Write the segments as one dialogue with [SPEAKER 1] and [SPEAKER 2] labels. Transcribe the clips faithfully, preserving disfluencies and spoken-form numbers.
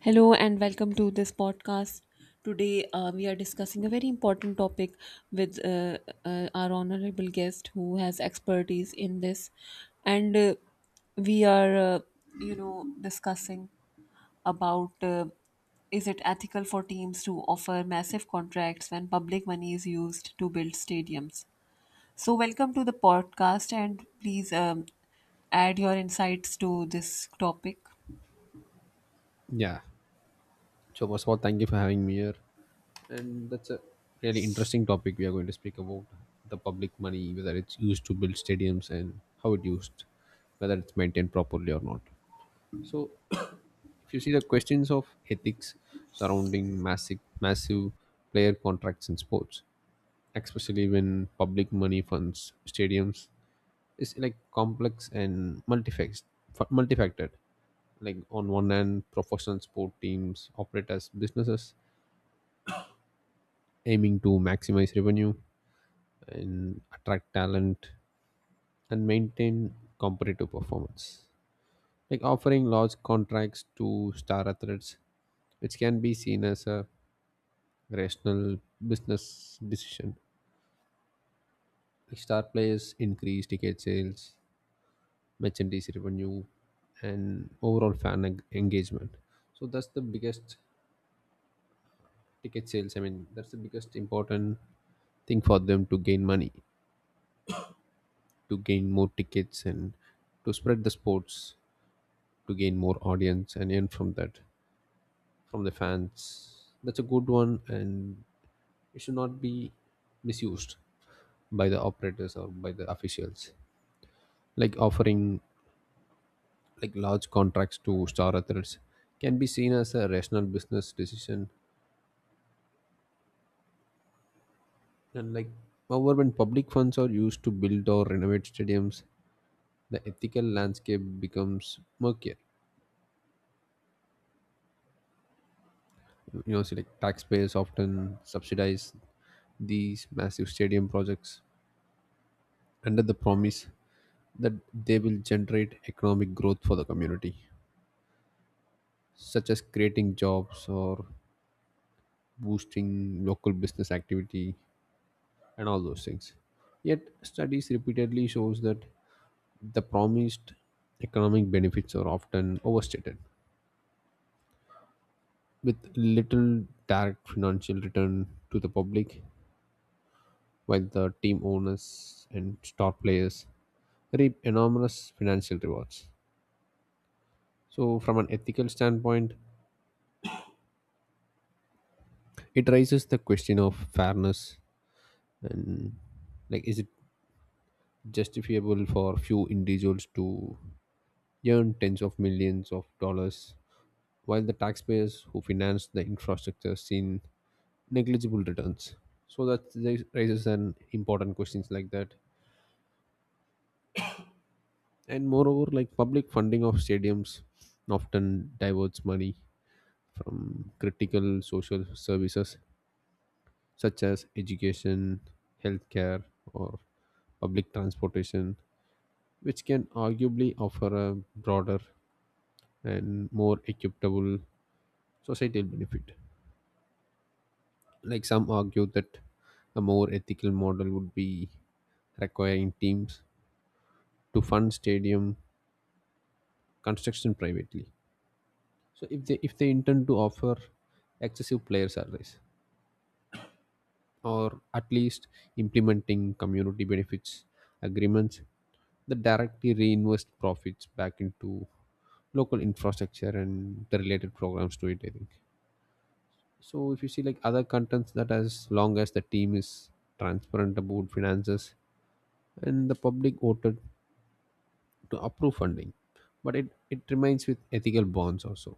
[SPEAKER 1] Hello and welcome to this podcast. Today uh, we are discussing a very important topic with uh, uh, our honorable guest who has expertise in this, and uh, we are, uh, you know, discussing about uh, is it ethical for teams to offer massive contracts when public money is used to build stadiums. So welcome to the podcast, and please um, add your insights to this topic.
[SPEAKER 2] Yeah. So first of all, thank you for having me here. And that's a really interesting topic. We are going to speak about the public money, whether it's used to build stadiums and how it used, whether it's maintained properly or not. So if you see the questions of ethics surrounding massive massive player contracts in sports, especially when public money funds stadiums, it's like complex and multifac- fa- multifaceted. Like on one hand, professional sport teams operate as businesses aiming to maximize revenue and attract talent and maintain competitive performance. Like offering large contracts to star athletes, which can be seen as a rational business decision. Like star players increase ticket sales, merchandise revenue, and overall fan eng- engagement. So that's the biggest ticket sales. I mean, that's the biggest important thing for them to gain money, to gain more tickets, and to spread the sports, to gain more audience, and earn from that, from the fans. That's a good one, and it should not be misused by the operators or by the officials. Like offering like large contracts to star athletes can be seen as a rational business decision. And like, however, when public funds are used to build or renovate stadiums, the ethical landscape becomes murkier. You know, see, like taxpayers often subsidize these massive stadium projects under the promise that they will generate economic growth for the community, such as creating jobs or boosting local business activity and all those things. Yet, studies repeatedly shows that the promised economic benefits are often overstated, with little direct financial return to the public, while the team owners and star players reap enormous financial rewards. So, from an ethical standpoint, it raises the question of fairness, and like, is it justifiable for few individuals to earn tens of millions of dollars while the taxpayers who finance the infrastructure seen negligible returns? So that raises an important questions like that, and moreover, like public funding of stadiums often diverts money from critical social services such as education, healthcare, or public transportation, which can arguably offer a broader and more equitable societal benefit. Like some argue that a more ethical model would be requiring teams to fund stadium construction privately. So if they if they intend to offer excessive player salaries, or at least implementing community benefits agreements that directly reinvest profits back into local infrastructure and the related programs to it, I think. So if you see like other contents, that as long as the team is transparent about finances and the public voted to approve funding. But it, it remains with ethical bonds also.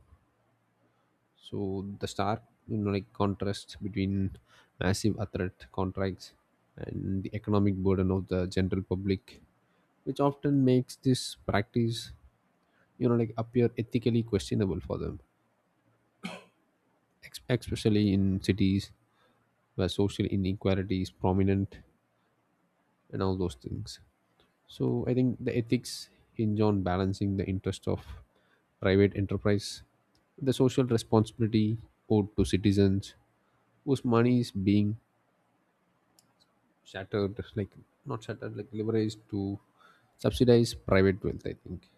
[SPEAKER 2] So the stark, you know, like contrast between massive athlete contracts and the economic burden of the general public, which often makes this practice, you know, like appear ethically questionable for them, ex- especially in cities where social inequality is prominent and all those things. So I think the ethics hinge on balancing the interest of private enterprise, the social responsibility owed to citizens whose money is being shattered, like not shattered, like leveraged to subsidize private wealth, I think.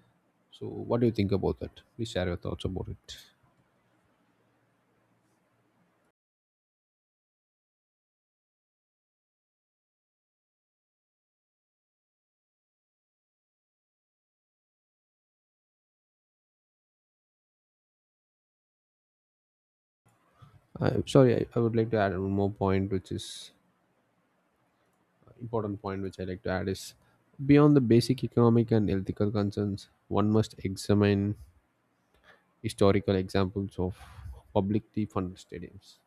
[SPEAKER 2] So what do you think about that? Please share your thoughts about it. I, sorry I, I would like to add one more point, which is important point, which I like to add, is beyond the basic economic and ethical concerns, one must examine historical examples of publicly funded stadiums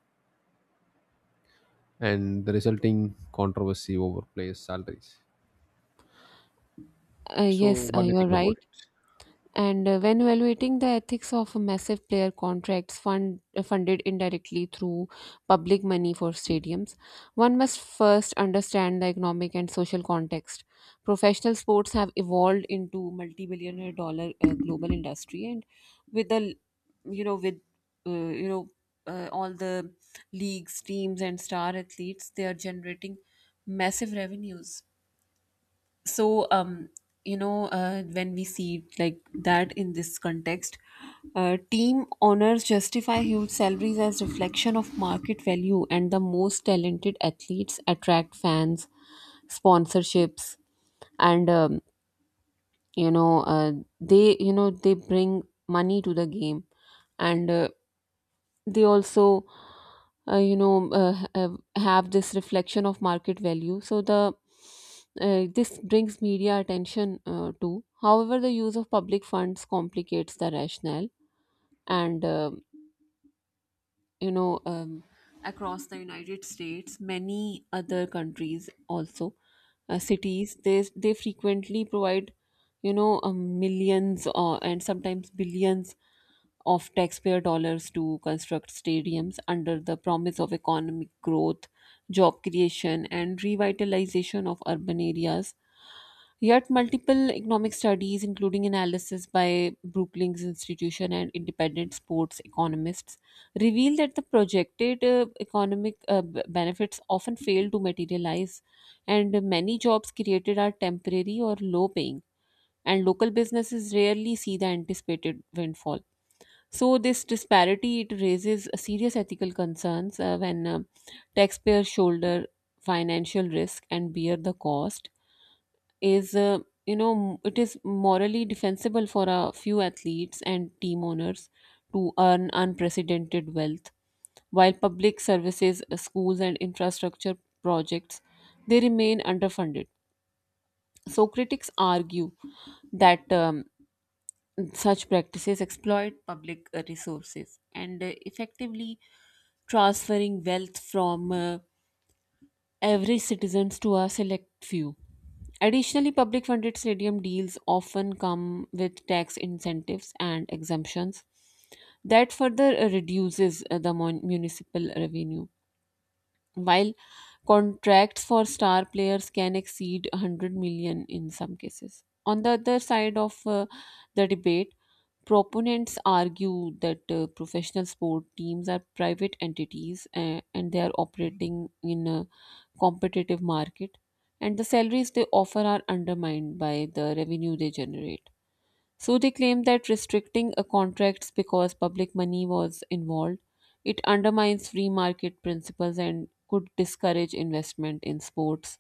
[SPEAKER 2] and the resulting controversy over players salaries.
[SPEAKER 1] Uh,
[SPEAKER 2] So
[SPEAKER 1] yes, uh,
[SPEAKER 2] what do you
[SPEAKER 1] you're
[SPEAKER 2] think about
[SPEAKER 1] right.
[SPEAKER 2] it?
[SPEAKER 1] And uh, when evaluating the ethics of massive player contracts fund, uh, funded indirectly through public money for stadiums, one must first understand the economic and social context. Professional sports have evolved into multi-billionaire dollar uh, global industry, and with the you know with uh, you know uh, all the leagues, teams, and star athletes, they are generating massive revenues. so um you know uh, when we see like that in this context, uh, team owners justify huge salaries as reflection of market value, and the most talented athletes attract fans, sponsorships, and um, you know uh, they you know they bring money to the game, and uh, they also uh, you know uh, h- uh, have this reflection of market value. So the uh, this brings media attention uh, too. However, the use of public funds complicates the rationale. And um you know um, Across the United States, many other countries also, uh, cities, they they frequently provide, you know um, millions or and sometimes billions of taxpayer dollars to construct stadiums under the promise of economic growth, job creation, and revitalization of urban areas. Yet, multiple economic studies, including analysis by Brookings Institution and independent sports economists, reveal that the projected uh, economic uh, b- benefits often fail to materialize, and many jobs created are temporary or low paying, and local businesses rarely see the anticipated windfall. So this disparity, it raises serious ethical concerns uh, when uh, taxpayers shoulder financial risk and bear the cost. Is uh, you know m- it is morally defensible for a few athletes and team owners to earn unprecedented wealth, while public services, uh, schools, and infrastructure projects, they remain underfunded? So critics argue that. Um, Such practices exploit public uh, resources and uh, effectively transferring wealth from uh, average citizens to a select few. Additionally, public funded stadium deals often come with tax incentives and exemptions that further uh, reduces uh, the mon- municipal revenue, while contracts for star players can exceed 100 million in some cases. On the other side of uh, the debate, proponents argue that uh, professional sport teams are private entities uh, and they are operating in a competitive market, and the salaries they offer are undermined by the revenue they generate. So they claim that restricting a contracts because public money was involved, it undermines free market principles and could discourage investment in sports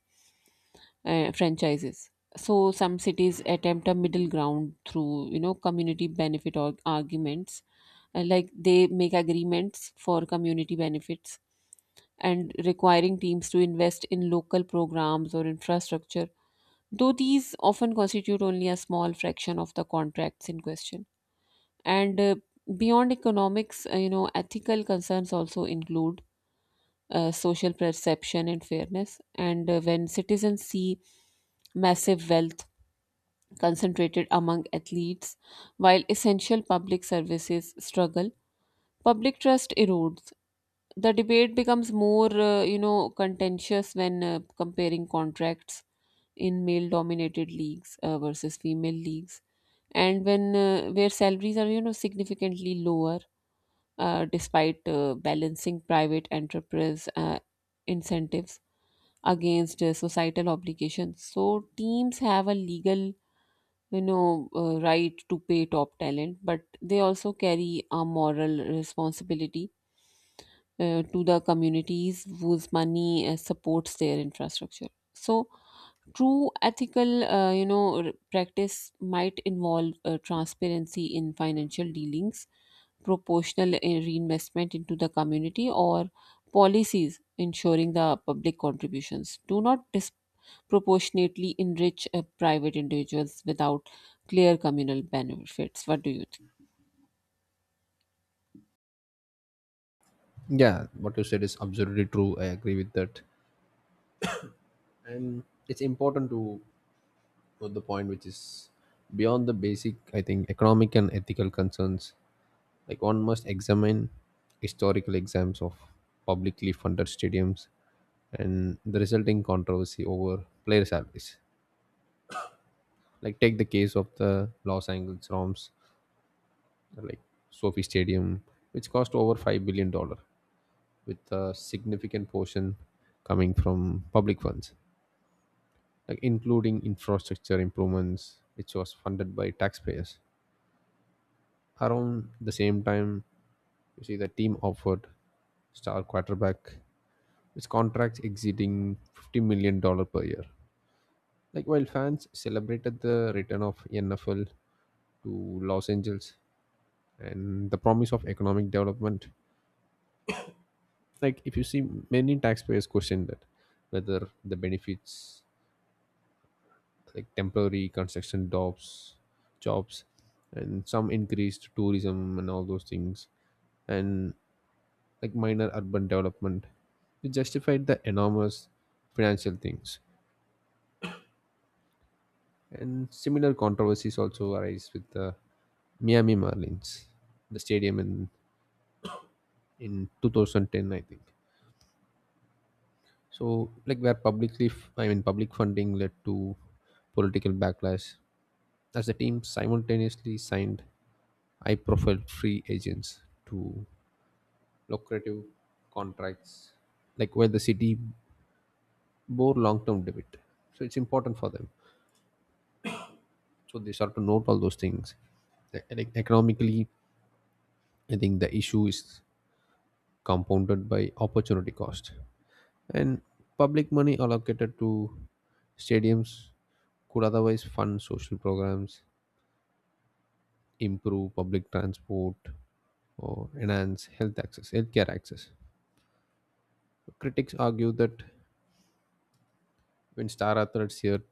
[SPEAKER 1] uh, franchises. So some cities attempt a middle ground through you know community benefit or arguments. Uh, like they make agreements for community benefits and requiring teams to invest in local programs or infrastructure, though these often constitute only a small fraction of the contracts in question. And uh, beyond economics, uh, you know ethical concerns also include uh, social perception and fairness. And uh, when citizens see massive wealth concentrated among athletes while essential public services struggle, public trust erodes. The debate becomes more uh, you know contentious when uh, comparing contracts in male dominated leagues uh, versus female leagues, and when uh, where salaries are you know significantly lower, uh, despite uh, balancing private enterprise uh, incentives against uh, societal obligations. So teams have a legal, you know, uh, right to pay top talent, but they also carry a moral responsibility uh, to the communities whose money uh, supports their infrastructure. So true ethical, uh, you know, r- practice might involve uh, transparency in financial dealings, proportional uh, reinvestment into the community, or policies ensuring the public contributions do not disproportionately enrich uh, private individuals without clear communal benefits. What do you think?
[SPEAKER 2] Yeah, what you said is absolutely true. I agree with that. And it's important to note the point, which is beyond the basic, I think, economic and ethical concerns. Like one must examine historical exams of publicly funded stadiums and the resulting controversy over player salaries. Like take the case of the Los Angeles Rams, like Sophie Stadium, which cost over five billion dollar, with a significant portion coming from public funds, like including infrastructure improvements, which was funded by taxpayers. Around the same time, you see the team offered star quarterback with contracts exceeding $50 million dollars per year. Like while fans celebrated the return of N F L to Los Angeles and the promise of economic development, like if you see, many taxpayers questioned that whether the benefits, like temporary construction jobs, jobs, and some increased tourism and all those things, and like minor urban development. It justified the enormous financial things. And similar controversies also arise with the Miami Marlins, the stadium in in two thousand ten, I think. So, like where publicly, f- I mean, public funding led to political backlash, as the team simultaneously signed I profile free agents to lucrative contracts, like where the city bore long term debt. So it's important for them. So they start to note all those things. E- e- Economically, I think the issue is compounded by opportunity cost. And public money allocated to stadiums could otherwise fund social programs, improve public transport, or enhance health access, healthcare access. Critics argue that when star athletes here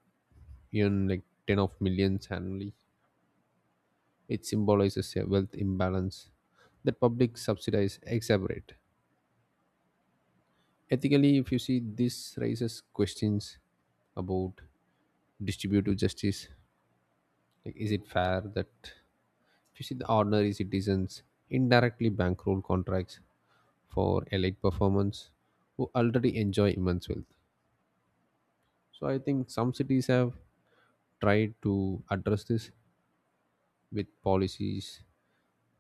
[SPEAKER 2] earn like ten of millions annually, it symbolizes a wealth imbalance that public subsidies exacerbate. Ethically, if you see, this raises questions about distributive justice. Like, is it fair that, if you see, the ordinary citizens indirectly bankroll contracts for elite performance who already enjoy immense wealth? So I think some cities have tried to address this with policies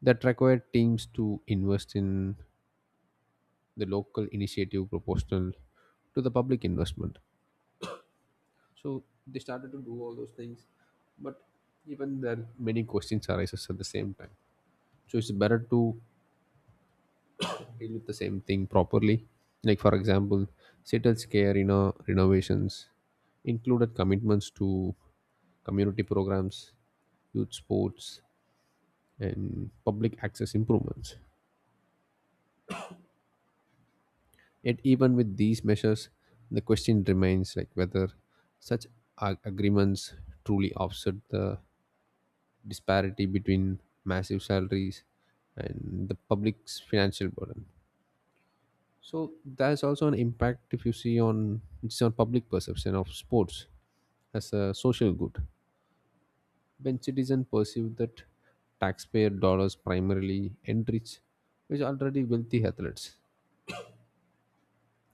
[SPEAKER 2] that require teams to invest in the local initiative proportional to the public investment. So they started to do all those things, but even there many questions arises at the same time. So it's better to deal with the same thing properly. Like for example, Seattle's care, you know, renovations included commitments to community programs, youth sports, and public access improvements. Yet, even with these measures, the question remains like whether such ag- agreements truly offset the disparity between massive salaries and the public's financial burden. So there's also an impact, if you see, on it's on public perception of sports as a social good. When citizens perceive that taxpayer dollars primarily enrich which already wealthy athletes,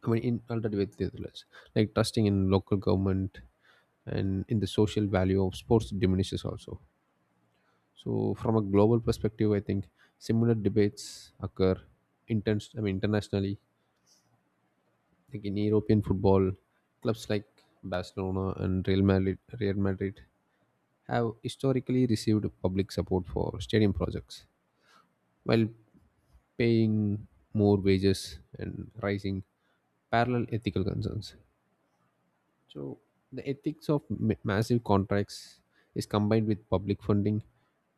[SPEAKER 2] I mean, in alternative with like trusting in local government and in the social value of sports diminishes also. So, from a global perspective, I think similar debates occur. Intense, I mean, internationally, like in European football, clubs like Barcelona and Real Madrid, Real Madrid have historically received public support for stadium projects, while paying more wages and rising parallel ethical concerns. So the ethics of ma- massive contracts is combined with public funding,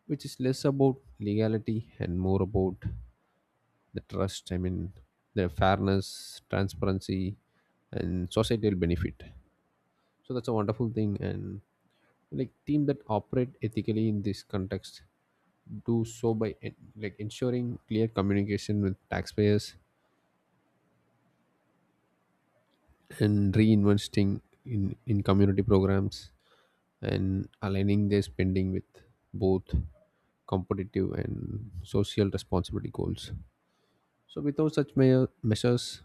[SPEAKER 2] which is less about legality and more about the trust. I mean, the fairness, transparency, and societal benefit. So that's a wonderful thing. And like team that operate ethically in this context do so by en- like ensuring clear communication with taxpayers and reinvesting in in community programs and aligning their spending with both competitive and social responsibility goals. So, without such mea- measures,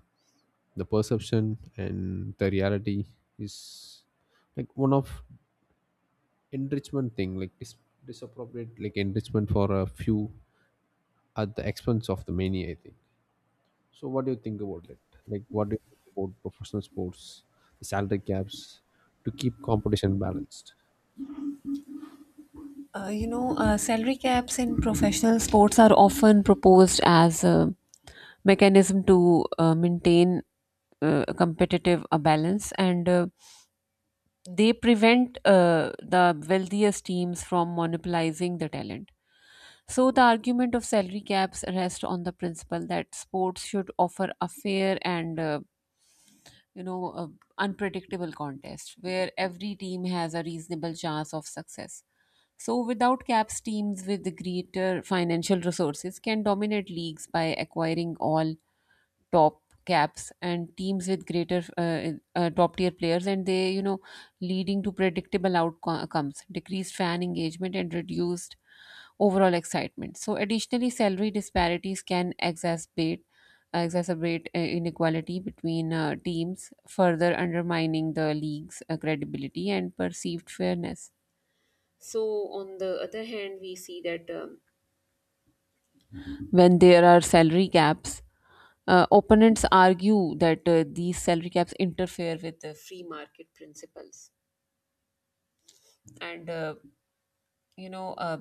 [SPEAKER 2] the perception and the reality is like one of enrichment thing, like dis- disappropriate, like enrichment for a few at the expense of the many, I think. So, what do you think about it? Like, what do you think about professional sports, the salary caps, to keep competition balanced?
[SPEAKER 1] Uh, you know, uh, salary caps in professional sports are often proposed as a mechanism to uh, maintain uh, a competitive uh, balance, and uh, they prevent uh, the wealthiest teams from monopolizing the talent. So, the argument of salary caps rests on the principle that sports should offer a fair and uh, you know, uh, unpredictable contest where every team has a reasonable chance of success. So, without caps, teams with greater financial resources can dominate leagues by acquiring all top caps and teams with greater uh, uh, top tier players, and they, you know, leading to predictable outcomes, decreased fan engagement, and reduced overall excitement. So, additionally, salary disparities can exacerbate exacerbate uh, inequality between uh, teams, further undermining the league's uh, credibility and perceived fairness. So, on the other hand, we see that um, when there are salary caps. Uh, opponents argue that uh, these salary caps interfere with the free market principles, and uh, you know uh,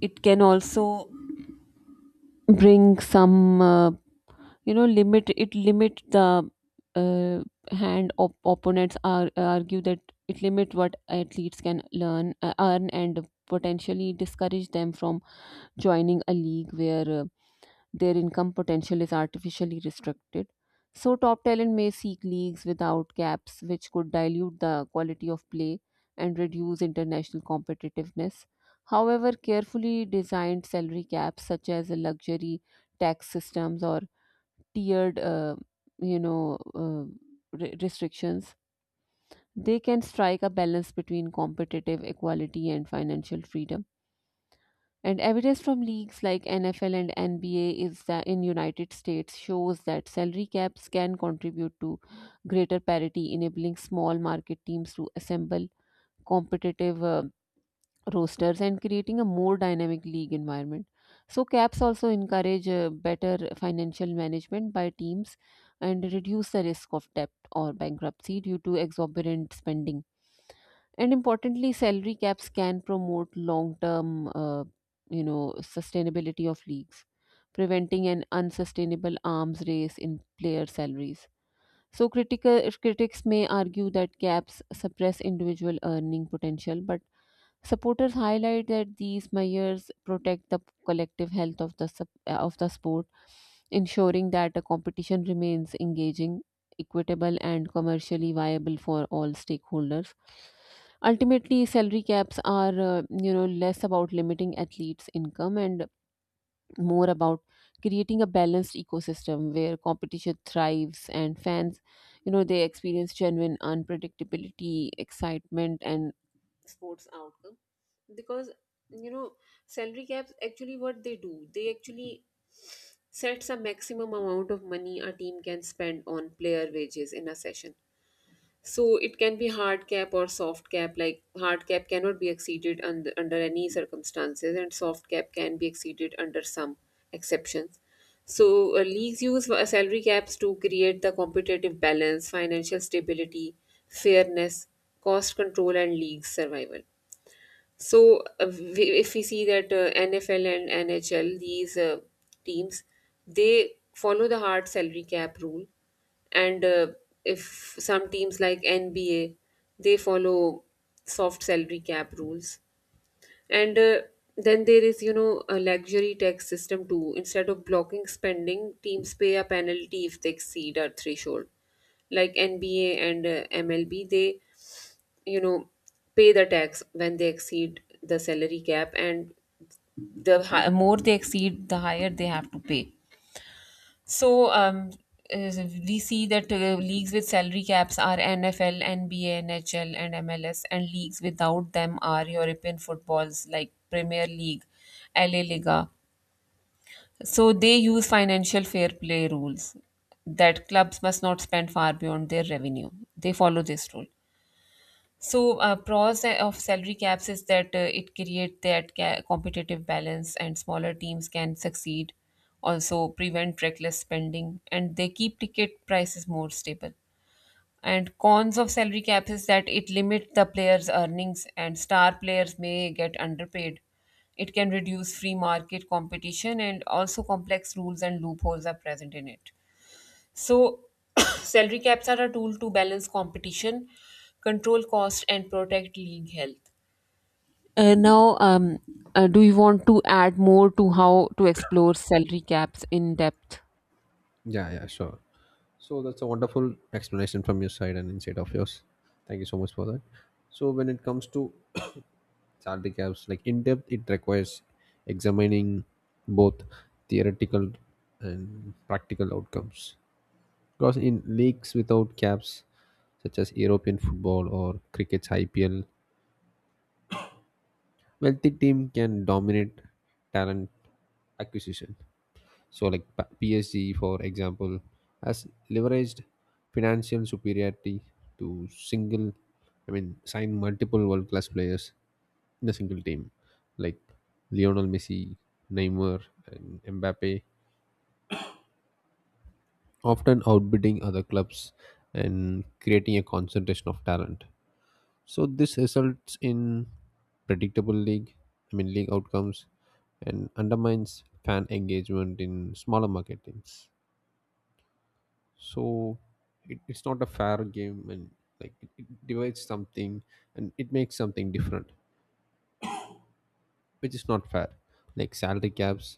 [SPEAKER 1] it can also bring some uh, you know limit. It limit the uh, hand op- opponents are argue that it limit what athletes can learn uh, earn and potentially discourage them from joining a league where uh, their income potential is artificially restricted. So, top talent may seek leagues without caps, which could dilute the quality of play and reduce international competitiveness. However, carefully designed salary caps, such as a luxury tax systems or tiered, uh, you know, uh, re- restrictions, they can strike a balance between competitive equality and financial freedom. And evidence from leagues like N F L and N B A is that in United States shows that salary caps can contribute to greater parity, enabling small market teams to assemble competitive uh, rosters and creating a more dynamic league environment. So caps also encourage uh, better financial management by teams and reduce the risk of debt or bankruptcy due to exorbitant spending. And importantly, salary caps can promote long term, uh, you know, sustainability of leagues, preventing an unsustainable arms race in player salaries. So critical critics may argue that caps suppress individual earning potential, but supporters highlight that these measures protect the collective health of the sup- uh, of the sport, ensuring that the competition remains engaging, equitable, and commercially viable for all stakeholders. Ultimately, salary caps are uh, you know less about limiting athletes' income and more about creating a balanced ecosystem where competition thrives and fans you know they experience genuine unpredictability, excitement, and sports outcome. Because you know salary caps actually, what they do, they actually sets a maximum amount of money a team can spend on player wages in a session. So it can be hard cap or soft cap. Like hard cap cannot be exceeded un- under any circumstances, and soft cap can be exceeded under some exceptions. So uh, leagues use uh, salary caps to create the competitive balance, financial stability, fairness, cost control, and league survival. So, uh, we- if we see that uh, N F L and N H L, these uh, teams, they follow the hard salary cap rule. And uh, if some teams like N B A, they follow soft salary cap rules. And uh, then there is, you know, a luxury tax system too. Instead of blocking spending, teams pay a penalty if they exceed a threshold like N B A and uh, M L B. They you know pay the tax when they exceed the salary cap, and the hi- more they exceed, the higher they have to pay. so um uh, we see that uh, leagues with salary caps are NFL, NBA, NHL, and MLS, and leagues without them are European footballs like Premier League, LA Liga. So they use financial fair play rules that clubs must not spend far beyond their revenue. They follow this rule. So, uh, pros of salary caps is that uh, it create that ca- competitive balance, and smaller teams can succeed. Also, prevent reckless spending, and they keep ticket prices more stable. And cons of salary caps is that it limit the players' earnings, and star players may get underpaid. It can reduce free market competition, and also complex rules and loopholes are present in it. So, salary caps are a tool to balance competition, control cost, and protect league health. Uh, now, um, uh, do you want to add more to how to explore salary caps in depth?
[SPEAKER 2] Yeah, yeah, sure. So that's a wonderful explanation from your side and insight of yours. Thank you so much for that. So when it comes to salary caps, like in depth, it requires examining both theoretical and practical outcomes. Because in leagues without caps, such as European football or cricket's I P L, wealthy team can dominate talent acquisition. So, like P- PSG, for example, has leveraged financial superiority to single, I mean, sign multiple world class players in a single team, like Lionel Messi, Neymar, and Mbappe, often outbidding other clubs and creating a concentration of talent. So, this results in predictable league, I mean, league outcomes, and undermines fan engagement in smaller market teams. So it, it's not a fair game, and like it, it divides something and it makes something different, which is not fair. Like salary caps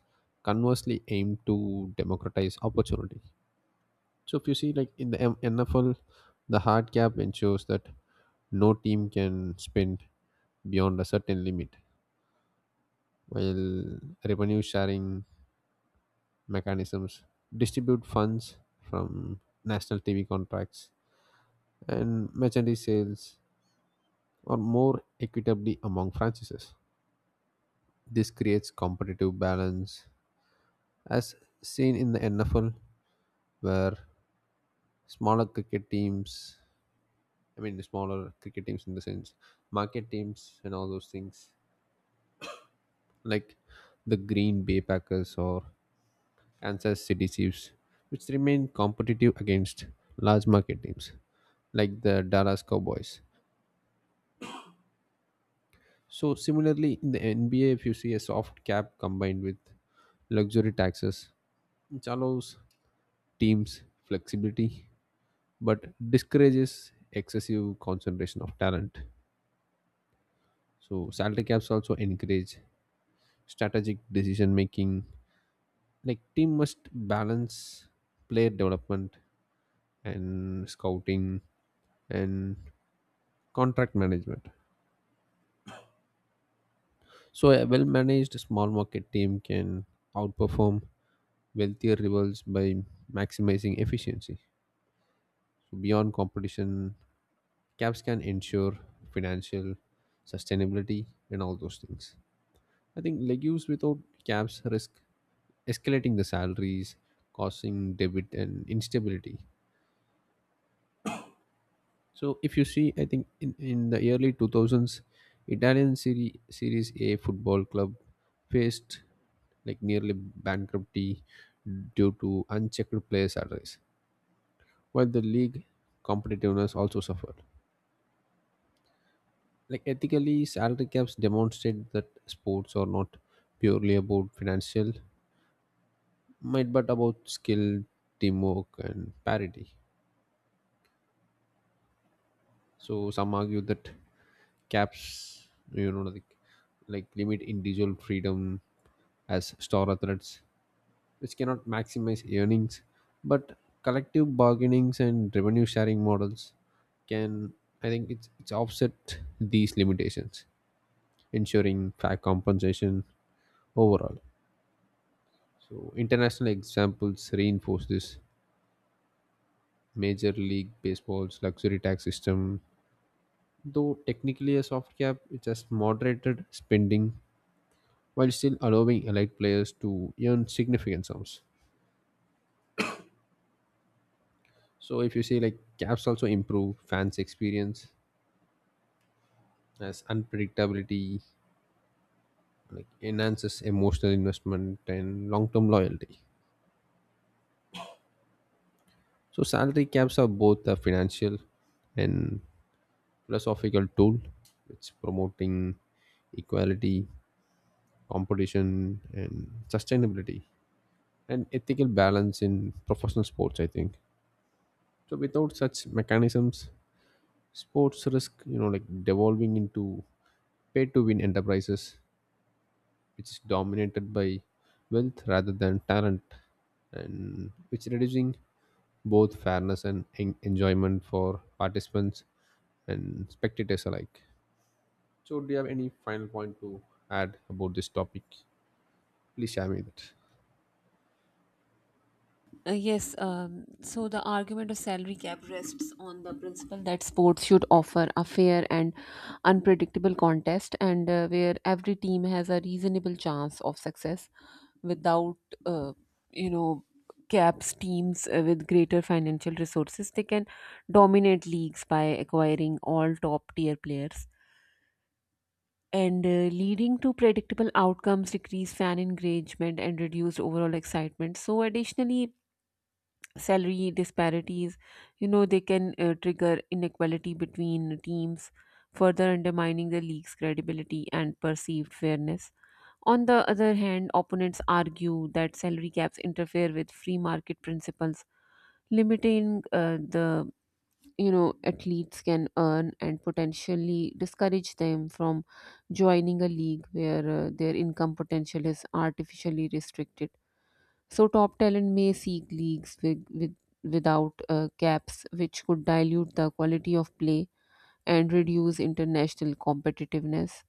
[SPEAKER 2] conversely aim to democratize opportunity. So if you see like in the M- N F L, the hard cap ensures that no team can spend beyond a certain limit, while revenue sharing mechanisms distribute funds from national T V contracts and merchandise sales or more equitably among franchises. This creates competitive balance, as seen in the N F L, where smaller cricket teams, I mean, smaller cricket teams in the sense, market teams and all those things, like the Green Bay Packers or Kansas City Chiefs, which remain competitive against large market teams like the Dallas Cowboys. So, similarly, in the N B A, if you see, a soft cap combined with luxury taxes, which allows teams flexibility but discourages excessive concentration of talent. So salary caps also encourage strategic decision making. Like team must balance player development and scouting and contract management. So a well managed small market team can outperform wealthier rivals by maximizing efficiency. So beyond competition, caps can ensure financial sustainability and all those things. I think legumes without caps risk escalating the salaries, causing debit and instability. So if you see, I think in, in the early two thousands, Italian Serie, Series A football club faced like nearly bankruptcy due to unchecked player salaries, while the league competitiveness also suffered. Like ethically, salary caps demonstrate that sports are not purely about financial, might, but about skill, teamwork, and parity. So some argue that caps, you know, like, like limit individual freedom as star athletes, which cannot maximize earnings, but collective bargainings and revenue sharing models can, I think, it's it's offset these limitations, ensuring fair compensation overall. So international examples reinforce this. Major League Baseball's luxury tax system, though technically a soft cap, it has moderated spending while still allowing elite players to earn significant sums. So if you see like caps also improve fans' experience, as unpredictability like enhances emotional investment and long-term loyalty. So salary caps are both a financial and philosophical tool. It's promoting equality, competition, and sustainability, and ethical balance in professional sports, I think. So without such mechanisms, sports risk, you know, like devolving into pay to win enterprises, which is dominated by wealth rather than talent, and which reducing both fairness and en- enjoyment for participants and spectators alike. So do you have any final point to add about this topic? Please share me that.
[SPEAKER 1] Uh, yes, um, so the argument of salary cap rests on the principle that sports should offer a fair and unpredictable contest, and uh, where every team has a reasonable chance of success without, uh, you know, caps, teams uh, with greater financial resources. They can dominate leagues by acquiring all top tier players. And uh, Leading to predictable outcomes, decreased fan engagement, and reduced overall excitement. So, additionally, salary disparities, you know they can uh, trigger inequality between teams, further undermining the league's credibility and perceived fairness. On the other hand, opponents argue that salary caps interfere with free market principles, limiting uh, the you know athletes can earn and potentially discourage them from joining a league where uh, their income potential is artificially restricted. So top talent may seek leagues with, with without uh, caps, which could dilute the quality of play and reduce international competitiveness.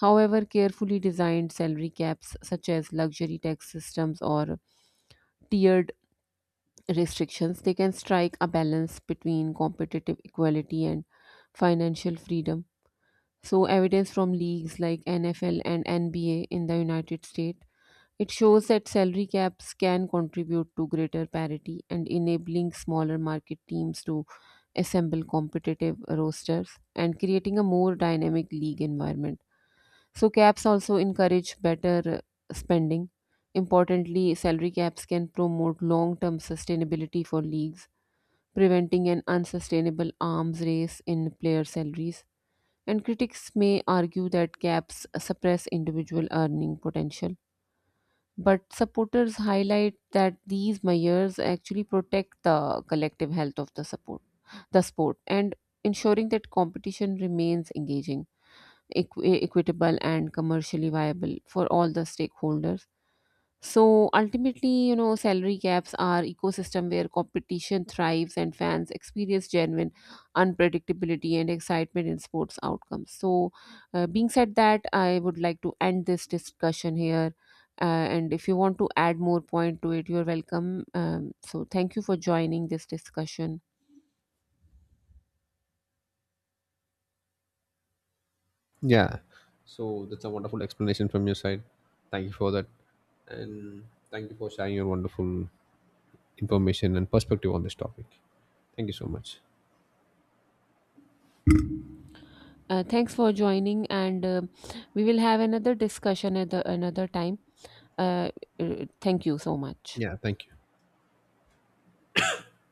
[SPEAKER 1] However, carefully designed salary caps, such as luxury tax systems or tiered restrictions, they can strike a balance between competitive equality and financial freedom. So, evidence from leagues like N F L and N B A in the United States, it shows that salary caps can contribute to greater parity and enabling smaller market teams to assemble competitive rosters and creating a more dynamic league environment. So, caps also encourage better uh, spending. Importantly, salary caps can promote long term sustainability for leagues, preventing an unsustainable arms race in player salaries. And critics may argue that caps suppress individual earning potential, but supporters highlight that these measures actually protect the collective health of the support, the sport, and ensuring that competition remains engaging, equ- equitable, and commercially viable for all the stakeholders. So ultimately, you know, salary caps are ecosystem where competition thrives and fans experience genuine unpredictability and excitement in sports outcomes. So, uh, being said that, I would like to end this discussion here. Uh, and if you want to add more point to it, you're welcome. Um, so thank you for joining this discussion.
[SPEAKER 2] Yeah. So that's a wonderful explanation from your side. Thank you for that. And thank you for sharing your wonderful information and perspective on this topic. Thank you so much.
[SPEAKER 1] Uh, thanks for joining, and uh, we will have another discussion at the, another time. Uh, uh, Thank you so much.
[SPEAKER 2] Yeah, thank you.